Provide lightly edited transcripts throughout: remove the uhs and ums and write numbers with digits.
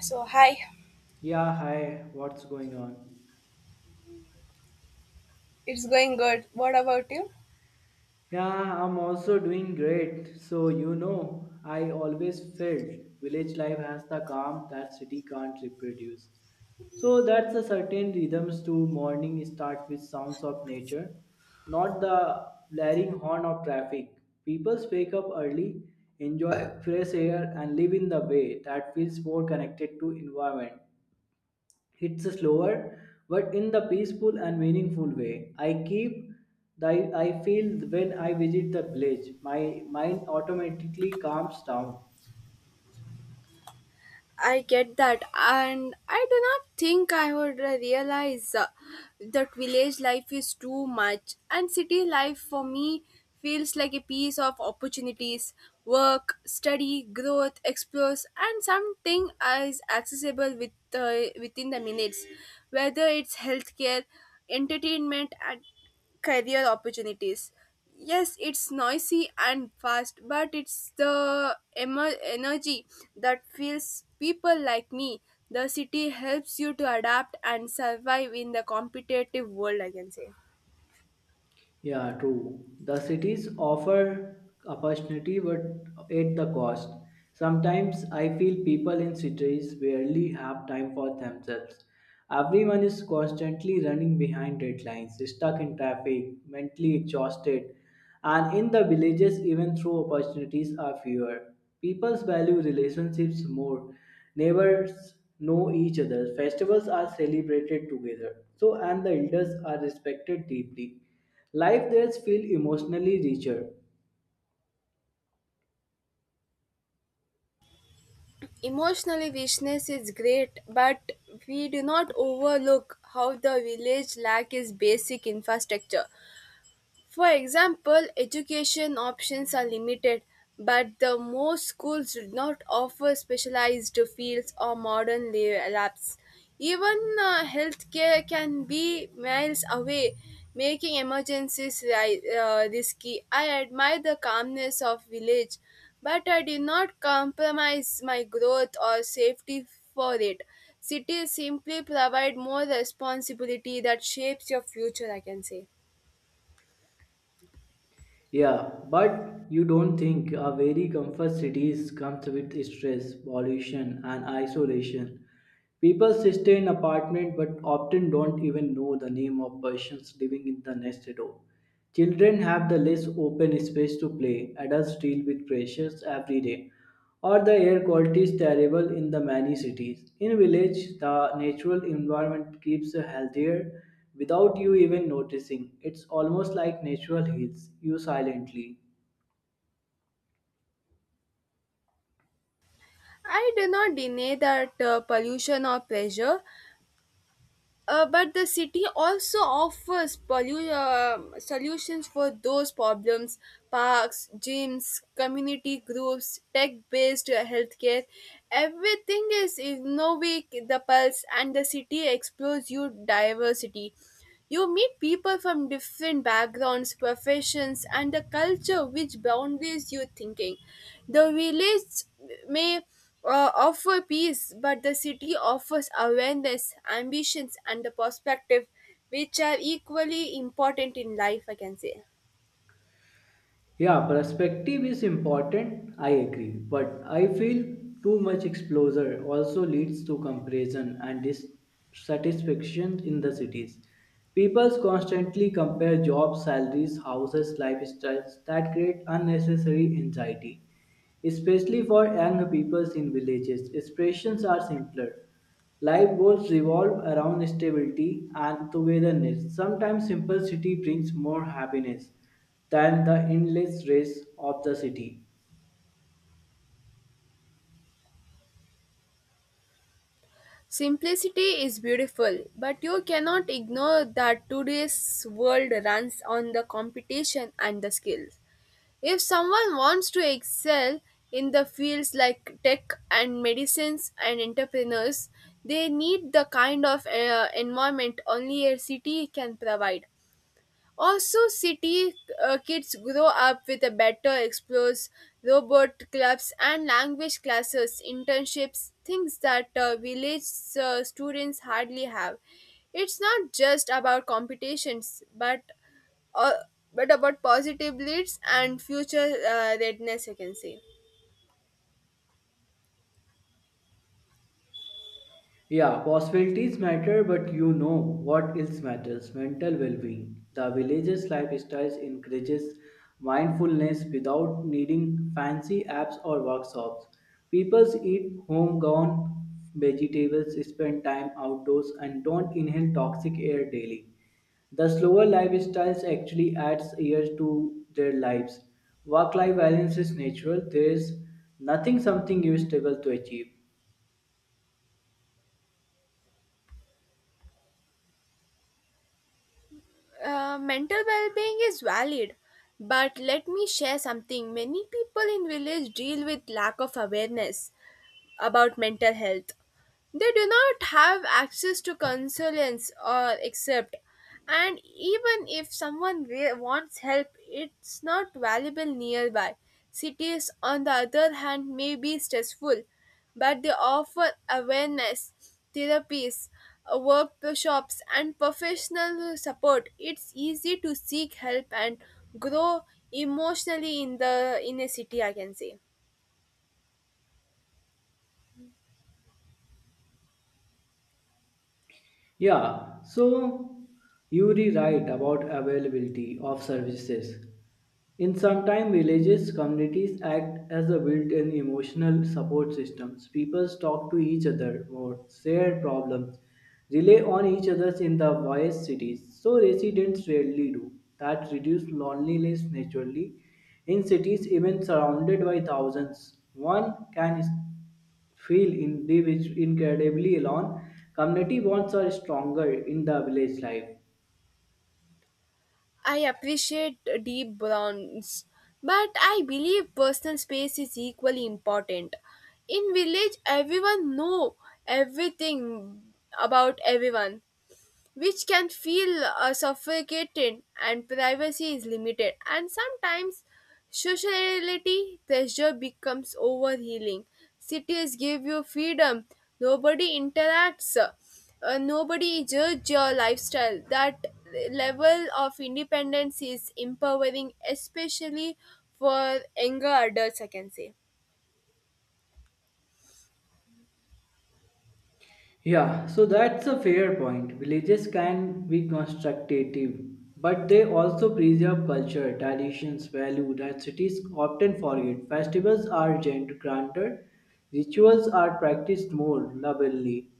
So, hi, Yeah, hi, what's going on? it's going good. What about you? Yeah, I'm also doing great. So, you know, I always felt village life has the calm that city can't reproduce. So, that's a certain rhythms to morning start with sounds of nature, not the blaring horn of traffic. People wake up early, enjoy fresh air, and live in the way that feels more connected to environment. It's slower, but in the peaceful and meaningful way. I keep the I feel when I visit the village, my mind automatically calms down. I get that, and I do not think I would realize that village life is too much, and city life for me feels like a piece of opportunities, work, study, growth, explores, and something is accessible with within the minutes, whether it's healthcare, entertainment, and career opportunities. Yes, it's noisy and fast, but it's the energy that fuels people like me. The city helps you to adapt and survive in the competitive world, I can say. Yeah, true. The cities offer opportunity but at the cost. Sometimes I feel people in cities barely have time for themselves. Everyone is constantly running behind deadlines, stuck in traffic, mentally exhausted, and in the villages, even though opportunities are fewer. People value relationships more. Neighbors know each other. Festivals are celebrated together. So, and the elders are respected deeply. Life there feel emotionally richer. Emotionally, richness is great, but we do not overlook how the village lack is basic infrastructure. For example, education options are limited, but the most schools do not offer specialized fields or modern labs. Even healthcare can be miles away, making emergencies risky. I admire the calmness of village, but I did not compromise my growth or safety for it. Cities simply provide more responsibility that shapes your future, I can say. Yeah, but you don't think a very comfort cities comes with stress, pollution, and isolation. People stay in apartment but often don't even know the name of persons living in the next door. Children have the less open space to play. Adults deal with pressures every day, or the air quality is terrible in the many cities. In village, the natural environment keeps you healthier without you even noticing. It's almost like nature heals you silently. I do not deny that pollution or pressure, but the city also offers solutions for those problems. Parks, gyms, community groups, tech based healthcare. Everything is innovative, the pulse, and the city explores your diversity. You meet people from different backgrounds, professions, and a culture which boundaries your thinking. The village may offer peace, but the city offers awareness, ambitions, and the perspective, which are equally important in life, I can say. Yeah, perspective is important, I agree, but I feel too much exposure also leads to comparison and dissatisfaction in the cities. People constantly compare jobs, salaries, houses, lifestyles that create unnecessary anxiety. Especially for young people in villages, expressions are simpler. Life goals revolve around stability and togetherness. Sometimes simplicity brings more happiness than the endless race of the city. Simplicity is beautiful, but you cannot ignore that today's world runs on the competition and the skills. If someone wants to excel in the fields like tech and medicines and entrepreneurs, they need the kind of environment only a city can provide. Also, city kids grow up with a better explores, robot clubs, and language classes, internships, things that village students hardly have. It's not just about competitions, but uh, but about positive leads and future readiness, I can say. Yeah, possibilities matter, but you know what else matters mental well being. The village's lifestyles encourages mindfulness without needing fancy apps or workshops. People eat homegrown vegetables, spend time outdoors, and don't inhale toxic air daily. The slower lifestyles actually adds years to their lives. Work-life balance is natural. There is nothing something you struggle to achieve. Mental well-being is valid, but let me share something many people in village deal with lack of awareness about mental health. They do not have access to consultants or accept. And even if someone wants help, it's not valuable nearby. Cities, on the other hand, may be stressful, but they offer awareness, therapies, workshops, and professional support. It's easy to seek help and grow emotionally in the in a city. I can say. Yeah, so Yuri, are right about availability of services. In some time, villages, communities act as a built-in emotional support systems. People talk to each other more, share problems, rely on each other in the vast cities. So residents rarely do. That reduce loneliness naturally. In cities, even surrounded by thousands, one can feel incredibly alone. Community bonds are stronger in the village life. I appreciate deep browns, but I believe personal space is equally important. In village, everyone know everything about everyone, which can feel suffocated, and privacy is limited, and sometimes sociality pressure becomes overhealing. Cities give you freedom. Nobody interacts, nobody judge your lifestyle. That level of independence is empowering, especially for younger adults, I can say. Yeah, so that's a fair point. Villages can be constructive, but they also preserve culture, traditions, values that cities often forget. Festivals are granted, rituals are practiced more lovingly,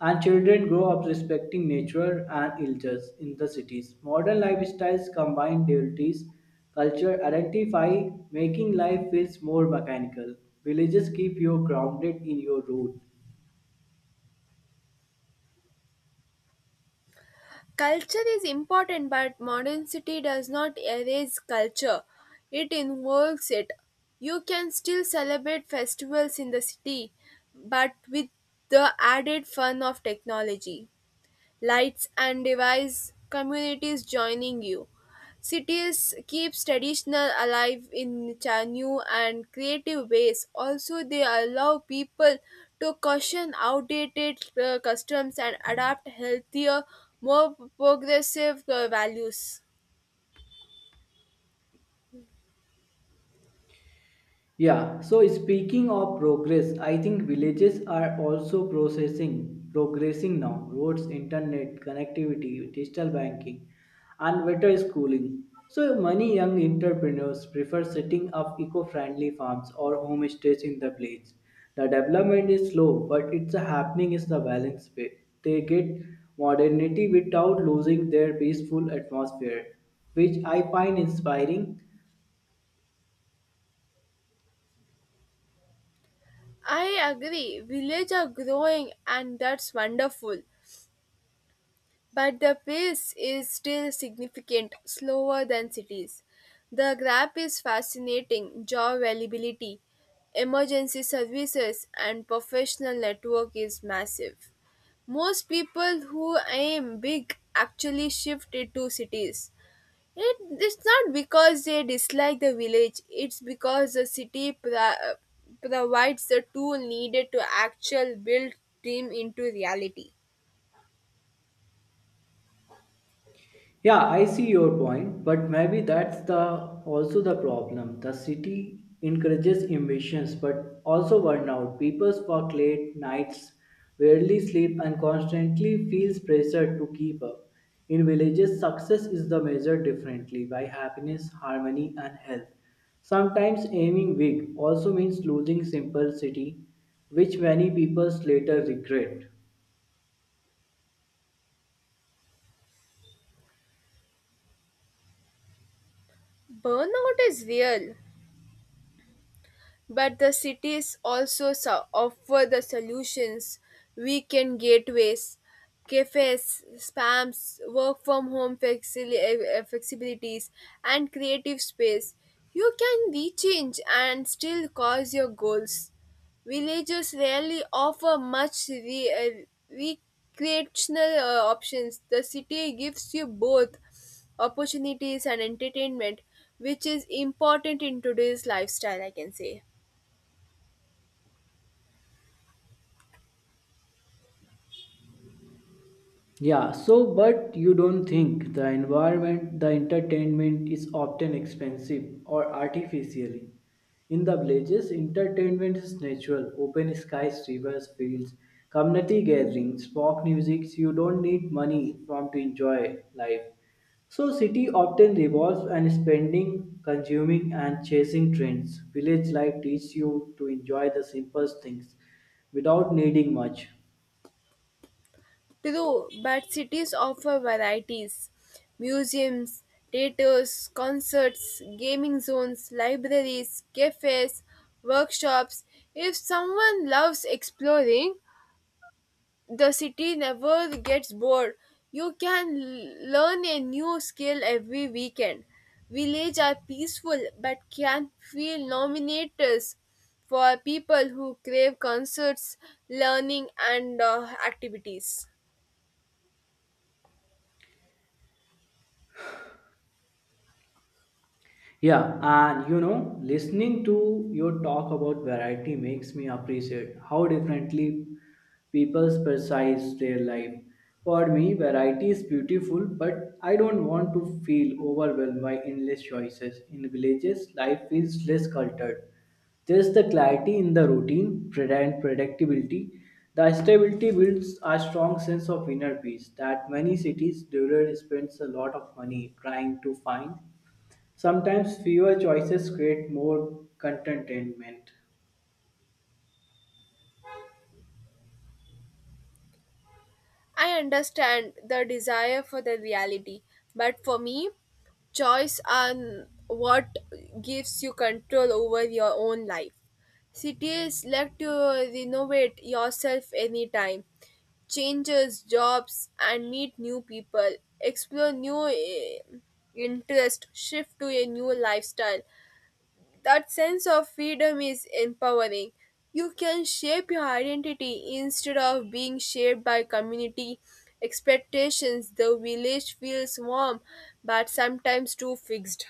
and children grow up respecting nature and elders in the cities. Modern lifestyles combine duties, culture, identify, making life feels more mechanical. Villages keep you grounded in your root. Culture is important, but modernity does not erase culture, it involves it. You can still celebrate festivals in the city, but with the added fun of technology, lights, and device communities joining you. Cities keeps traditional alive in new and creative ways. Also, they allow people to caution outdated customs and adapt healthier, more progressive values. Yeah, so speaking of progress, I think villages are also processing progressing now. Roads, internet, connectivity, digital banking, and better schooling. So many young entrepreneurs prefer setting up eco-friendly farms or homestays in the village. The development is slow, but it's a happening is the balance way. They get modernity without losing their peaceful atmosphere, which I find inspiring. I agree. Villages are growing, and that's wonderful. But the pace is still significant, slower than cities. The graph is fascinating job availability, emergency services, and professional network is massive. Most people who aim big actually shift it to cities. It's not because they dislike the village, it's because the city provides the tool needed to actually build dream into reality. Yeah, I see your point, but maybe that's the also the problem. The city encourages emissions but also burnout. People work late nights, rarely sleep and constantly feels pressure to keep up. In villages, success is the measured differently by happiness, harmony and health. Sometimes aiming big also means losing simplicity, which many people later regret. Burnout is real, but the cities also offer the solutions, weekend gateways, cafes spams, work from home flexibilities, and creative space. You can rechange and still cause your goals. Villages rarely offer much recreational options. The city gives you both opportunities and entertainment, which is important in today's lifestyle, I can say. Yeah, so but you don't think the environment, the entertainment is often expensive or artificially. In the villages, entertainment is natural, open skies, rivers, fields, community gatherings, folk music, you don't need money from to enjoy life. So city often revolves and spending, consuming and chasing trends. Village life teaches you to enjoy the simplest things without needing much. True, but cities offer varieties, museums, theaters, concerts, gaming zones, libraries, cafes, workshops. If someone loves exploring, the city never gets bored. You can learn a new skill every weekend. Villages are peaceful but can feel nominators for people who crave concerts, learning, and activities. Yeah, and you know, listening to your talk about variety makes me appreciate how differently people's perceive their life. For me, variety is beautiful, but I don't want to feel overwhelmed by endless choices. In villages, life feels less cultured. There's the clarity in the routine and predictability. The stability builds a strong sense of inner peace that many cities' dweller spends a lot of money trying to find. Sometimes fewer choices create more contentment. I understand the desire for the reality, but for me, choice on what gives you control over your own life. Cities let you renovate yourself anytime, changes jobs and meet new people, explore new interest, shift to a new lifestyle. That sense of freedom is empowering. You can shape your identity instead of being shaped by community expectations. The village feels warm, but sometimes too fixed.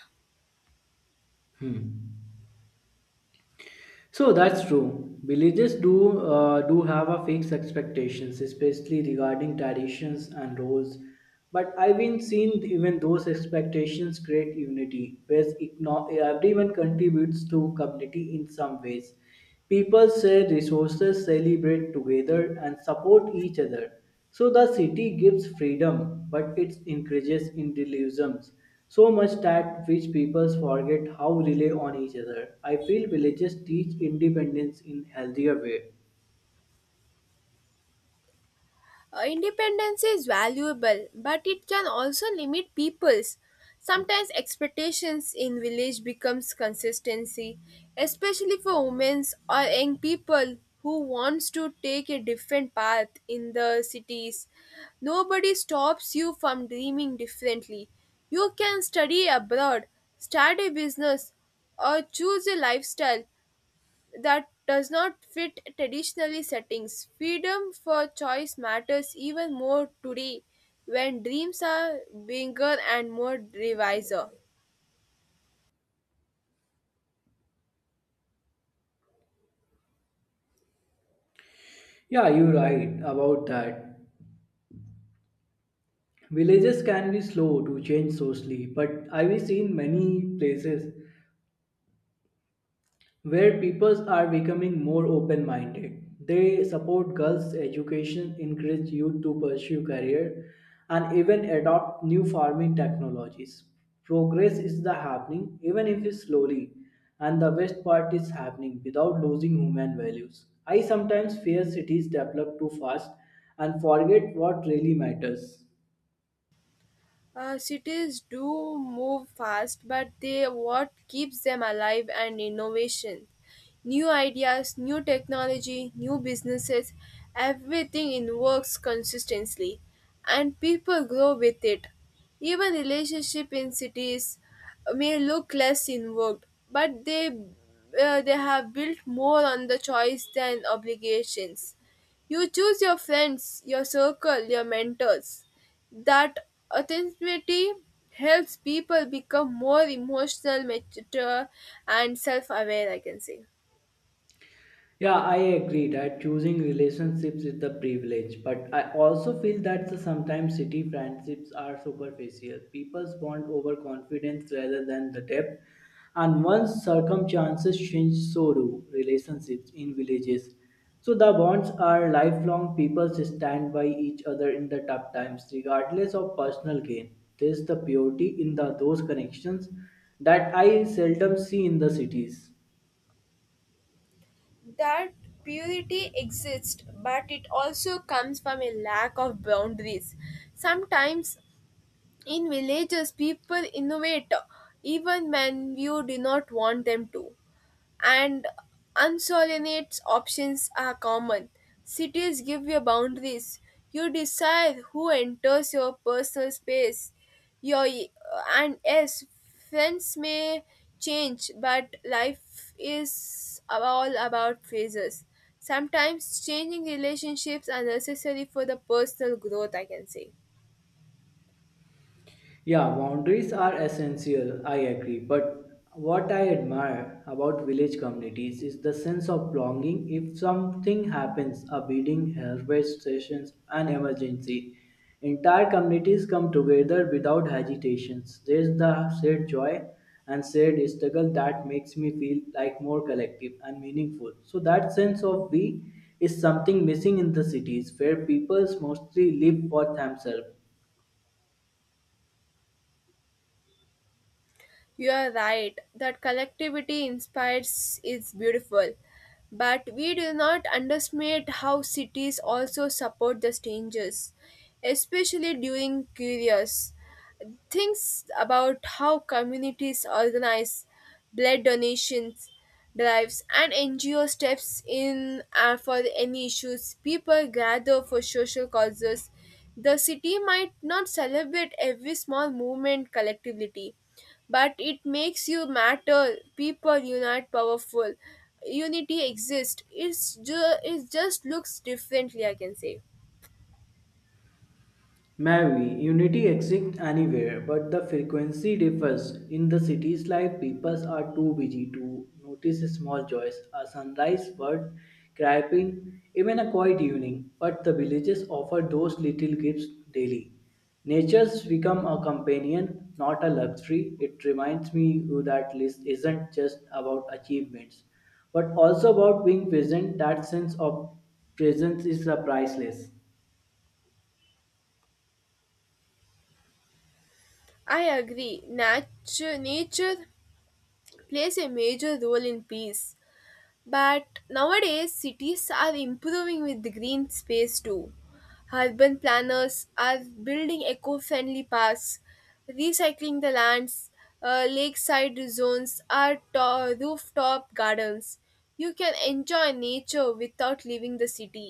Hmm. So that's true. Villages do have a fixed expectations, especially regarding traditions and roles. But I've been seen even those expectations create unity, whereas everyone contributes to community in some ways. People share resources, celebrate together, and support each other. So the city gives freedom, but it encourages individualisms so much that which people forget how rely on each other. I feel villages teach independence in healthier way. Independence is valuable, but it can also limit people's. Sometimes expectations in village becomes consistency, especially for women or young people who wants to take a different path in the cities. Nobody stops you from dreaming differently. You can study abroad, start a business, or choose a lifestyle that does not fit traditionally settings. Freedom for choice matters even more today when dreams are bigger and more divisive. Yeah, you're right about that. Villages can be slow to change socially, but I've seen many places where people are becoming more open minded. They support girls' education, encourage youth to pursue career, and even adopt new farming technologies. Progress is the happening, even if it's slowly, and the best part is happening without losing human values. I sometimes fear cities develop too fast and forget what really matters. Cities do move fast, but they what keeps them alive and innovation. New ideas, new technology, new businesses, everything in works consistently, and people grow with it. Even relationship in cities may look less involved, but they have built more on the choice than obligations. You choose your friends, your circle, your mentors. That authenticity helps people become more emotional, mature, and self aware, I can say. Yeah, I agree that choosing relationships is the privilege, but I also feel that the sometimes city friendships are superficial. People bond over confidence rather than the depth, and once circumstances change, so do relationships in villages. So the bonds are lifelong. People stand by each other in the tough times, regardless of personal gain. There's the purity in the those connections that I seldom see in the cities. That purity exists, but it also comes from a lack of boundaries. Sometimes in villages, people innovate even when you do not want them to. And unsolinates options are common. Cities give you boundaries. You decide who enters your personal space. Your, and yes, friends may change, but life is all about phases. Sometimes changing relationships are necessary for the personal growth, I can say. Yeah, boundaries are essential, I agree. But what I admire about village communities is the sense of belonging. If something happens, a beating, harvest sessions, an emergency, entire communities come together without hesitations. There's the shared joy and shared struggle that makes me feel like more collective and meaningful. So that sense of we is something missing in the cities where people mostly live for themselves. You are right that collectivity inspires is beautiful, but we do not underestimate how cities also support the strangers, especially during curious things about how communities organize blood donations drives and NGO steps in for any issues. People gather for social causes. The city might not celebrate every small movement collectively, but it makes you matter. People unite powerful. Unity exists, it just looks differently, I can say. Mary, unity exists anywhere, but the frequency differs. In the city's life, people are too busy to notice small joys, a sunrise bird chirping, even a quiet evening. But the villages offer those little gifts daily. Nature's become a companion, not a luxury. It reminds me that list isn't just about achievements, but also about being present. That sense of presence is priceless. I agree, nature plays a major role in peace. But nowadays, cities are improving with the green space too. Urban planners are building eco friendly parks, recycling the lands, lakeside zones, rooftop gardens. You can enjoy nature without leaving the city.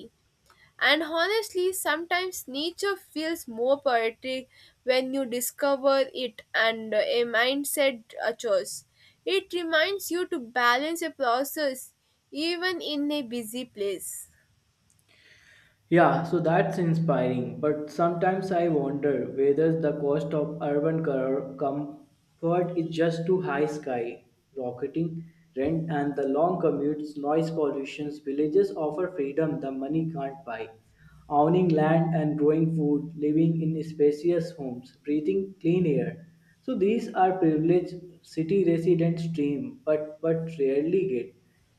And honestly, sometimes nature feels more poetic when you discover it and a mindset a choice. It reminds you to balance a process even in a busy place. Yeah, so that's inspiring, but sometimes I wonder whether the cost of urban comfort is just too high sky rocketing rent and the long commutes, noise pollution. Villages offer freedom the money can't buy. Owning land and growing food, living in spacious homes, breathing clean air. So these are privileged city residents dream, but rarely get.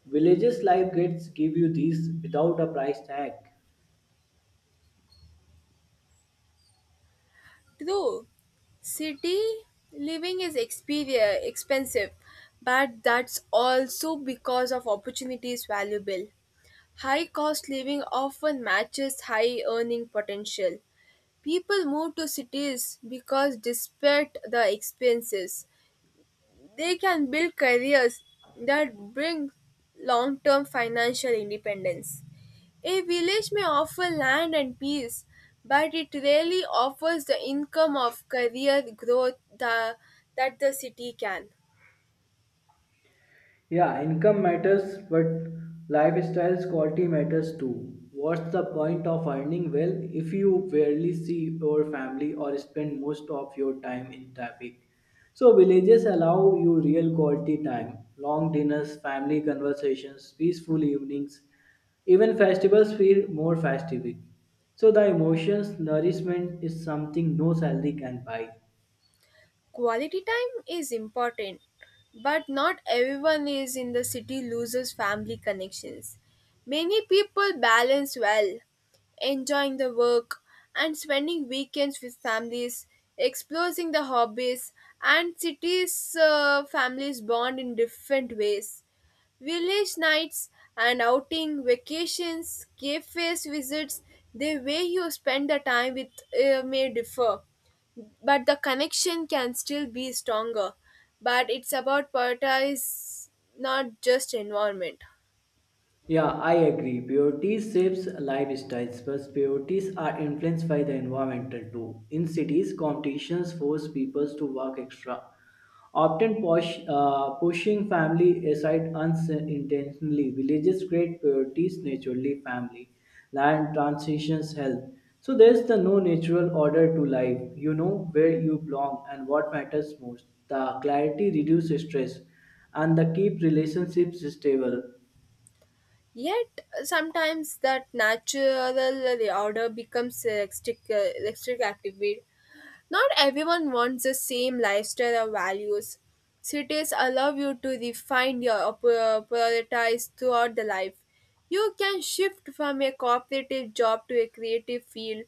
Villages life gets give you these without a price tag. True, city living is expensive, but that's also because of opportunities valuable. High cost living often matches high earning potential. People move to cities because, despite the expenses, they can build careers that bring long term financial independence. A village may offer land and peace, but it rarely offers the income of career growth that the city can. Yeah, income matters, but lifestyle's quality matters too. What's the point of earning well if you barely see your family or spend most of your time in traffic? So, villages allow you real quality time, long dinners, family conversations, peaceful evenings, even festivals feel more festive. So, the emotions, nourishment is something no salary can buy. Quality time is important, but not everyone is in the city loses family connections. Many people balance well, enjoying the work and spending weekends with families, exploring the hobbies, and cities' families bond in different ways. Village nights and outing, vacations, cafes visits, the way you spend the time with may differ, but the connection can still be stronger. But it's about prioritize, not just environment. Yeah, I agree. Priorities shapes lifestyles, but priorities are influenced by the environmental too. In cities, competitions force people to work extra, often pushing family aside unintentionally. Villages create priorities naturally, family, land, transitions, health. So there's the no natural order to life. You know where you belong and what matters most. The clarity reduces stress and the keep relationships stable. Yet sometimes that natural order becomes electric, electric activity. Not everyone wants the same lifestyle or values. Cities allow you to refine your priorities throughout the life. You can shift from a cooperative job to a creative field,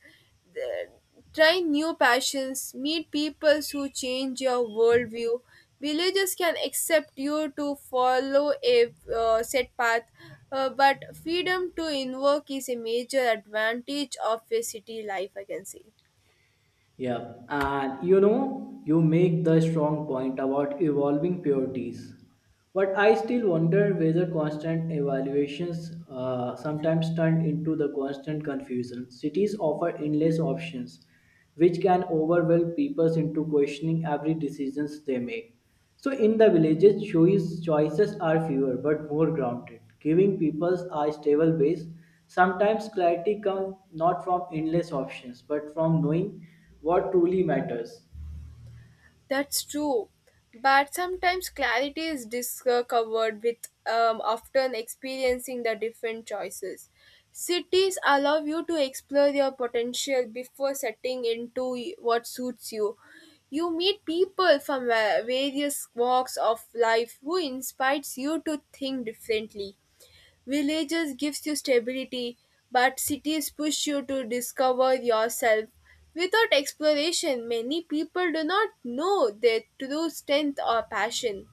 th- try new passions, meet people who change your worldview. Villages can accept you to follow a set path, but freedom to invoke is a major advantage of a city life, I can say. Yeah, and you know, you make the strong point about evolving purities. But I still wonder whether constant evaluations sometimes turn into the constant confusion. Cities offer endless options, which can overwhelm people into questioning every decisions they make. So in the villages, choices are fewer but more grounded, giving people a stable base. Sometimes clarity comes not from endless options but from knowing what truly matters. That's true. But sometimes clarity is discovered with often experiencing the different choices. Cities allow you to explore your potential before setting into what suits you. You meet people from various walks of life who inspires you to think differently. Villages gives you stability, but cities push you to discover yourself. Without exploration, many people do not know their true strength or passion.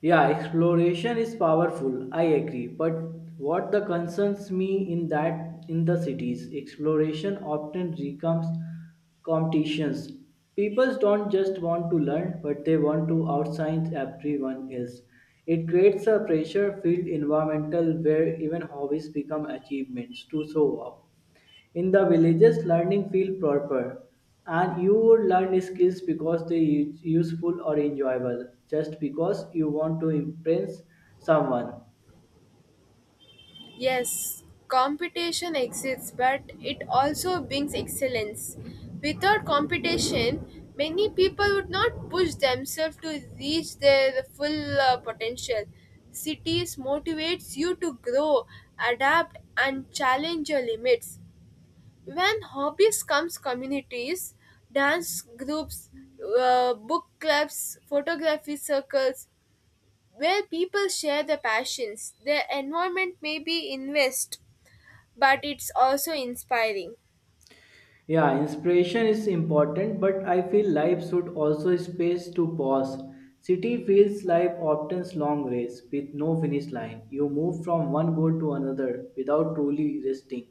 Yeah, exploration is powerful, I agree. But what the concerns me in that in the cities, exploration often becomes competitions. People don't just want to learn, but they want to outshine everyone else. It creates a pressure filled environmental where even hobbies become achievements to show off. In the villages, learning feel proper, and you would learn skills because they useful or enjoyable, just because you want to impress someone. Yes, competition exists, but it also brings excellence. Without competition, many people would not push themselves to reach their full potential. Cities motivates you to grow, adapt, and challenge your limits. When hobbies comes communities, dance groups, book clubs, photography circles, where people share their passions. Their environment may be invest, but it's also inspiring. Yeah, inspiration is important, but I feel life should also space to pause. City feels life often's long race with no finish line. You move from one goal to another without truly resting.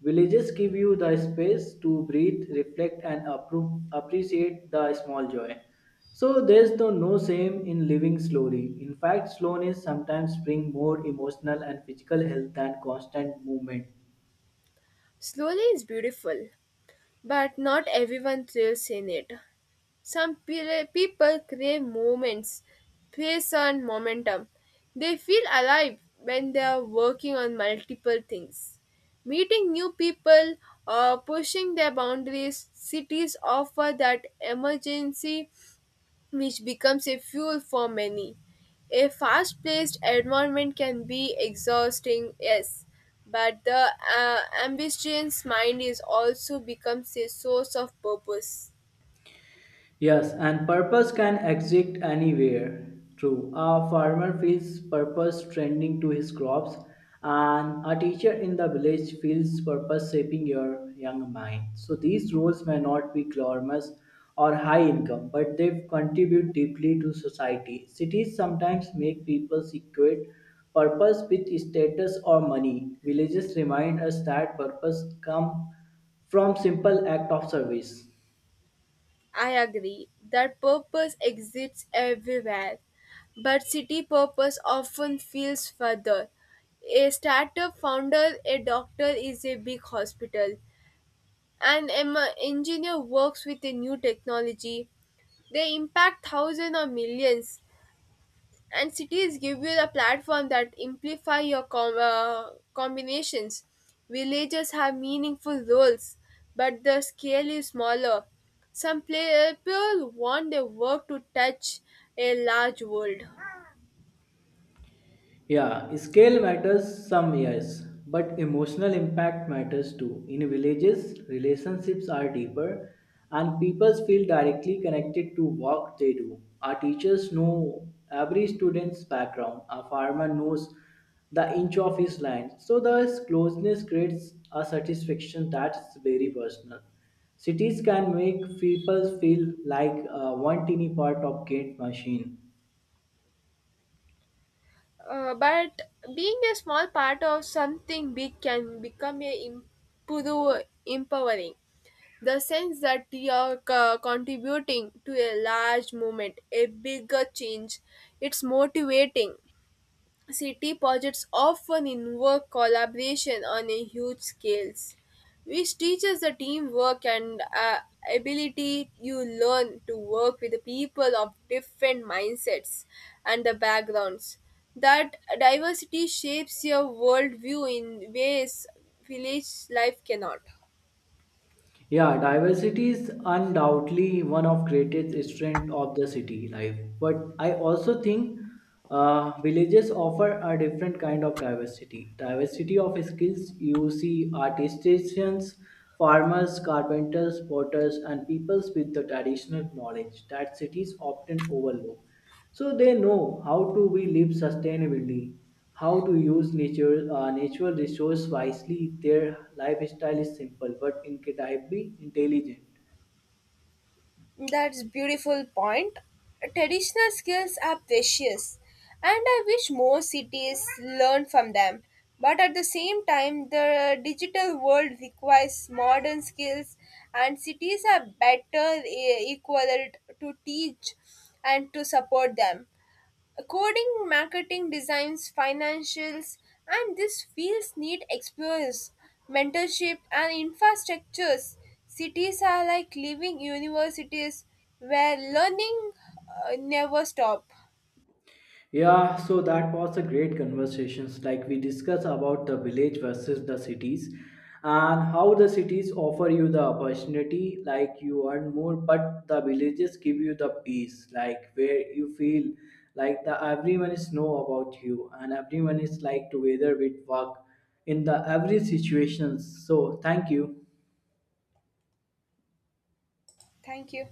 Villages give you the space to breathe, reflect, and appreciate the small joy. So there's no shame in living slowly. In fact, slowness sometimes brings more emotional and physical health than constant movement. Slowly is beautiful, but not everyone thrills in it. Some people crave moments, pace, and momentum. They feel alive when they are working on multiple things. Meeting new people or pushing their boundaries, cities offer that emergency which becomes a fuel for many. A fast paced environment can be exhausting, yes, but the ambitious mind is also becomes a source of purpose. Yes, and purpose can exist anywhere. True. A farmer feels purpose tending to his crops, and a teacher in the village feels purpose shaping your young mind. So these roles may not be glamorous or high income, but they contribute deeply to society. Cities sometimes make people equate purpose with status or money. Villages remind us that purpose comes from simple act of service. I agree that purpose exists everywhere, but city purpose often feels further. A startup founder, a doctor is a big hospital, and an engineer works with a new technology. They impact thousands or millions, and cities give you the platform that amplify your combinations. Villages have meaningful roles, but the scale is smaller. Some people want their work to touch a large world. Yeah, scale matters some years, but emotional impact matters too. In villages, relationships are deeper and people feel directly connected to what they do. Our teachers know every student's background, a farmer knows the inch of his land. So the closeness creates a satisfaction that's very personal. Cities can make people feel like one teeny part of great machine. But being a small part of something big can become a empowering, the sense that you're contributing to a large movement, a bigger change. It's motivating. City projects often involve collaboration on a huge scales, which teaches the teamwork and ability. You learn to work with people of different mindsets and the backgrounds. That diversity shapes your worldview in ways village life cannot. Yeah, diversity is undoubtedly one of greatest strength of the city life. But I also think villages offer a different kind of diversity. Diversity of skills you see artisans, farmers, carpenters, potters, and peoples with the traditional knowledge that cities often overlook, so they know how to we live sustainably, how to use nature natural resource wisely. Their lifestyle is simple but incredibly intelligent. That's beautiful point. Traditional skills are precious, and I wish more cities learn from them. But at the same time, the digital world requires modern skills, and cities are better equipped to teach and to support them. Coding, marketing, designs, financials, and these fields need experts, mentorship, and infrastructures. Cities are like living universities where learning never stop. Yeah, so that was a great conversations like we discussed about the village versus the cities and how the cities offer you the opportunity like you earn more but the villages give you the peace like where you feel like the everyone is know about you and everyone is like together with work in the every situations. So thank you. Thank you.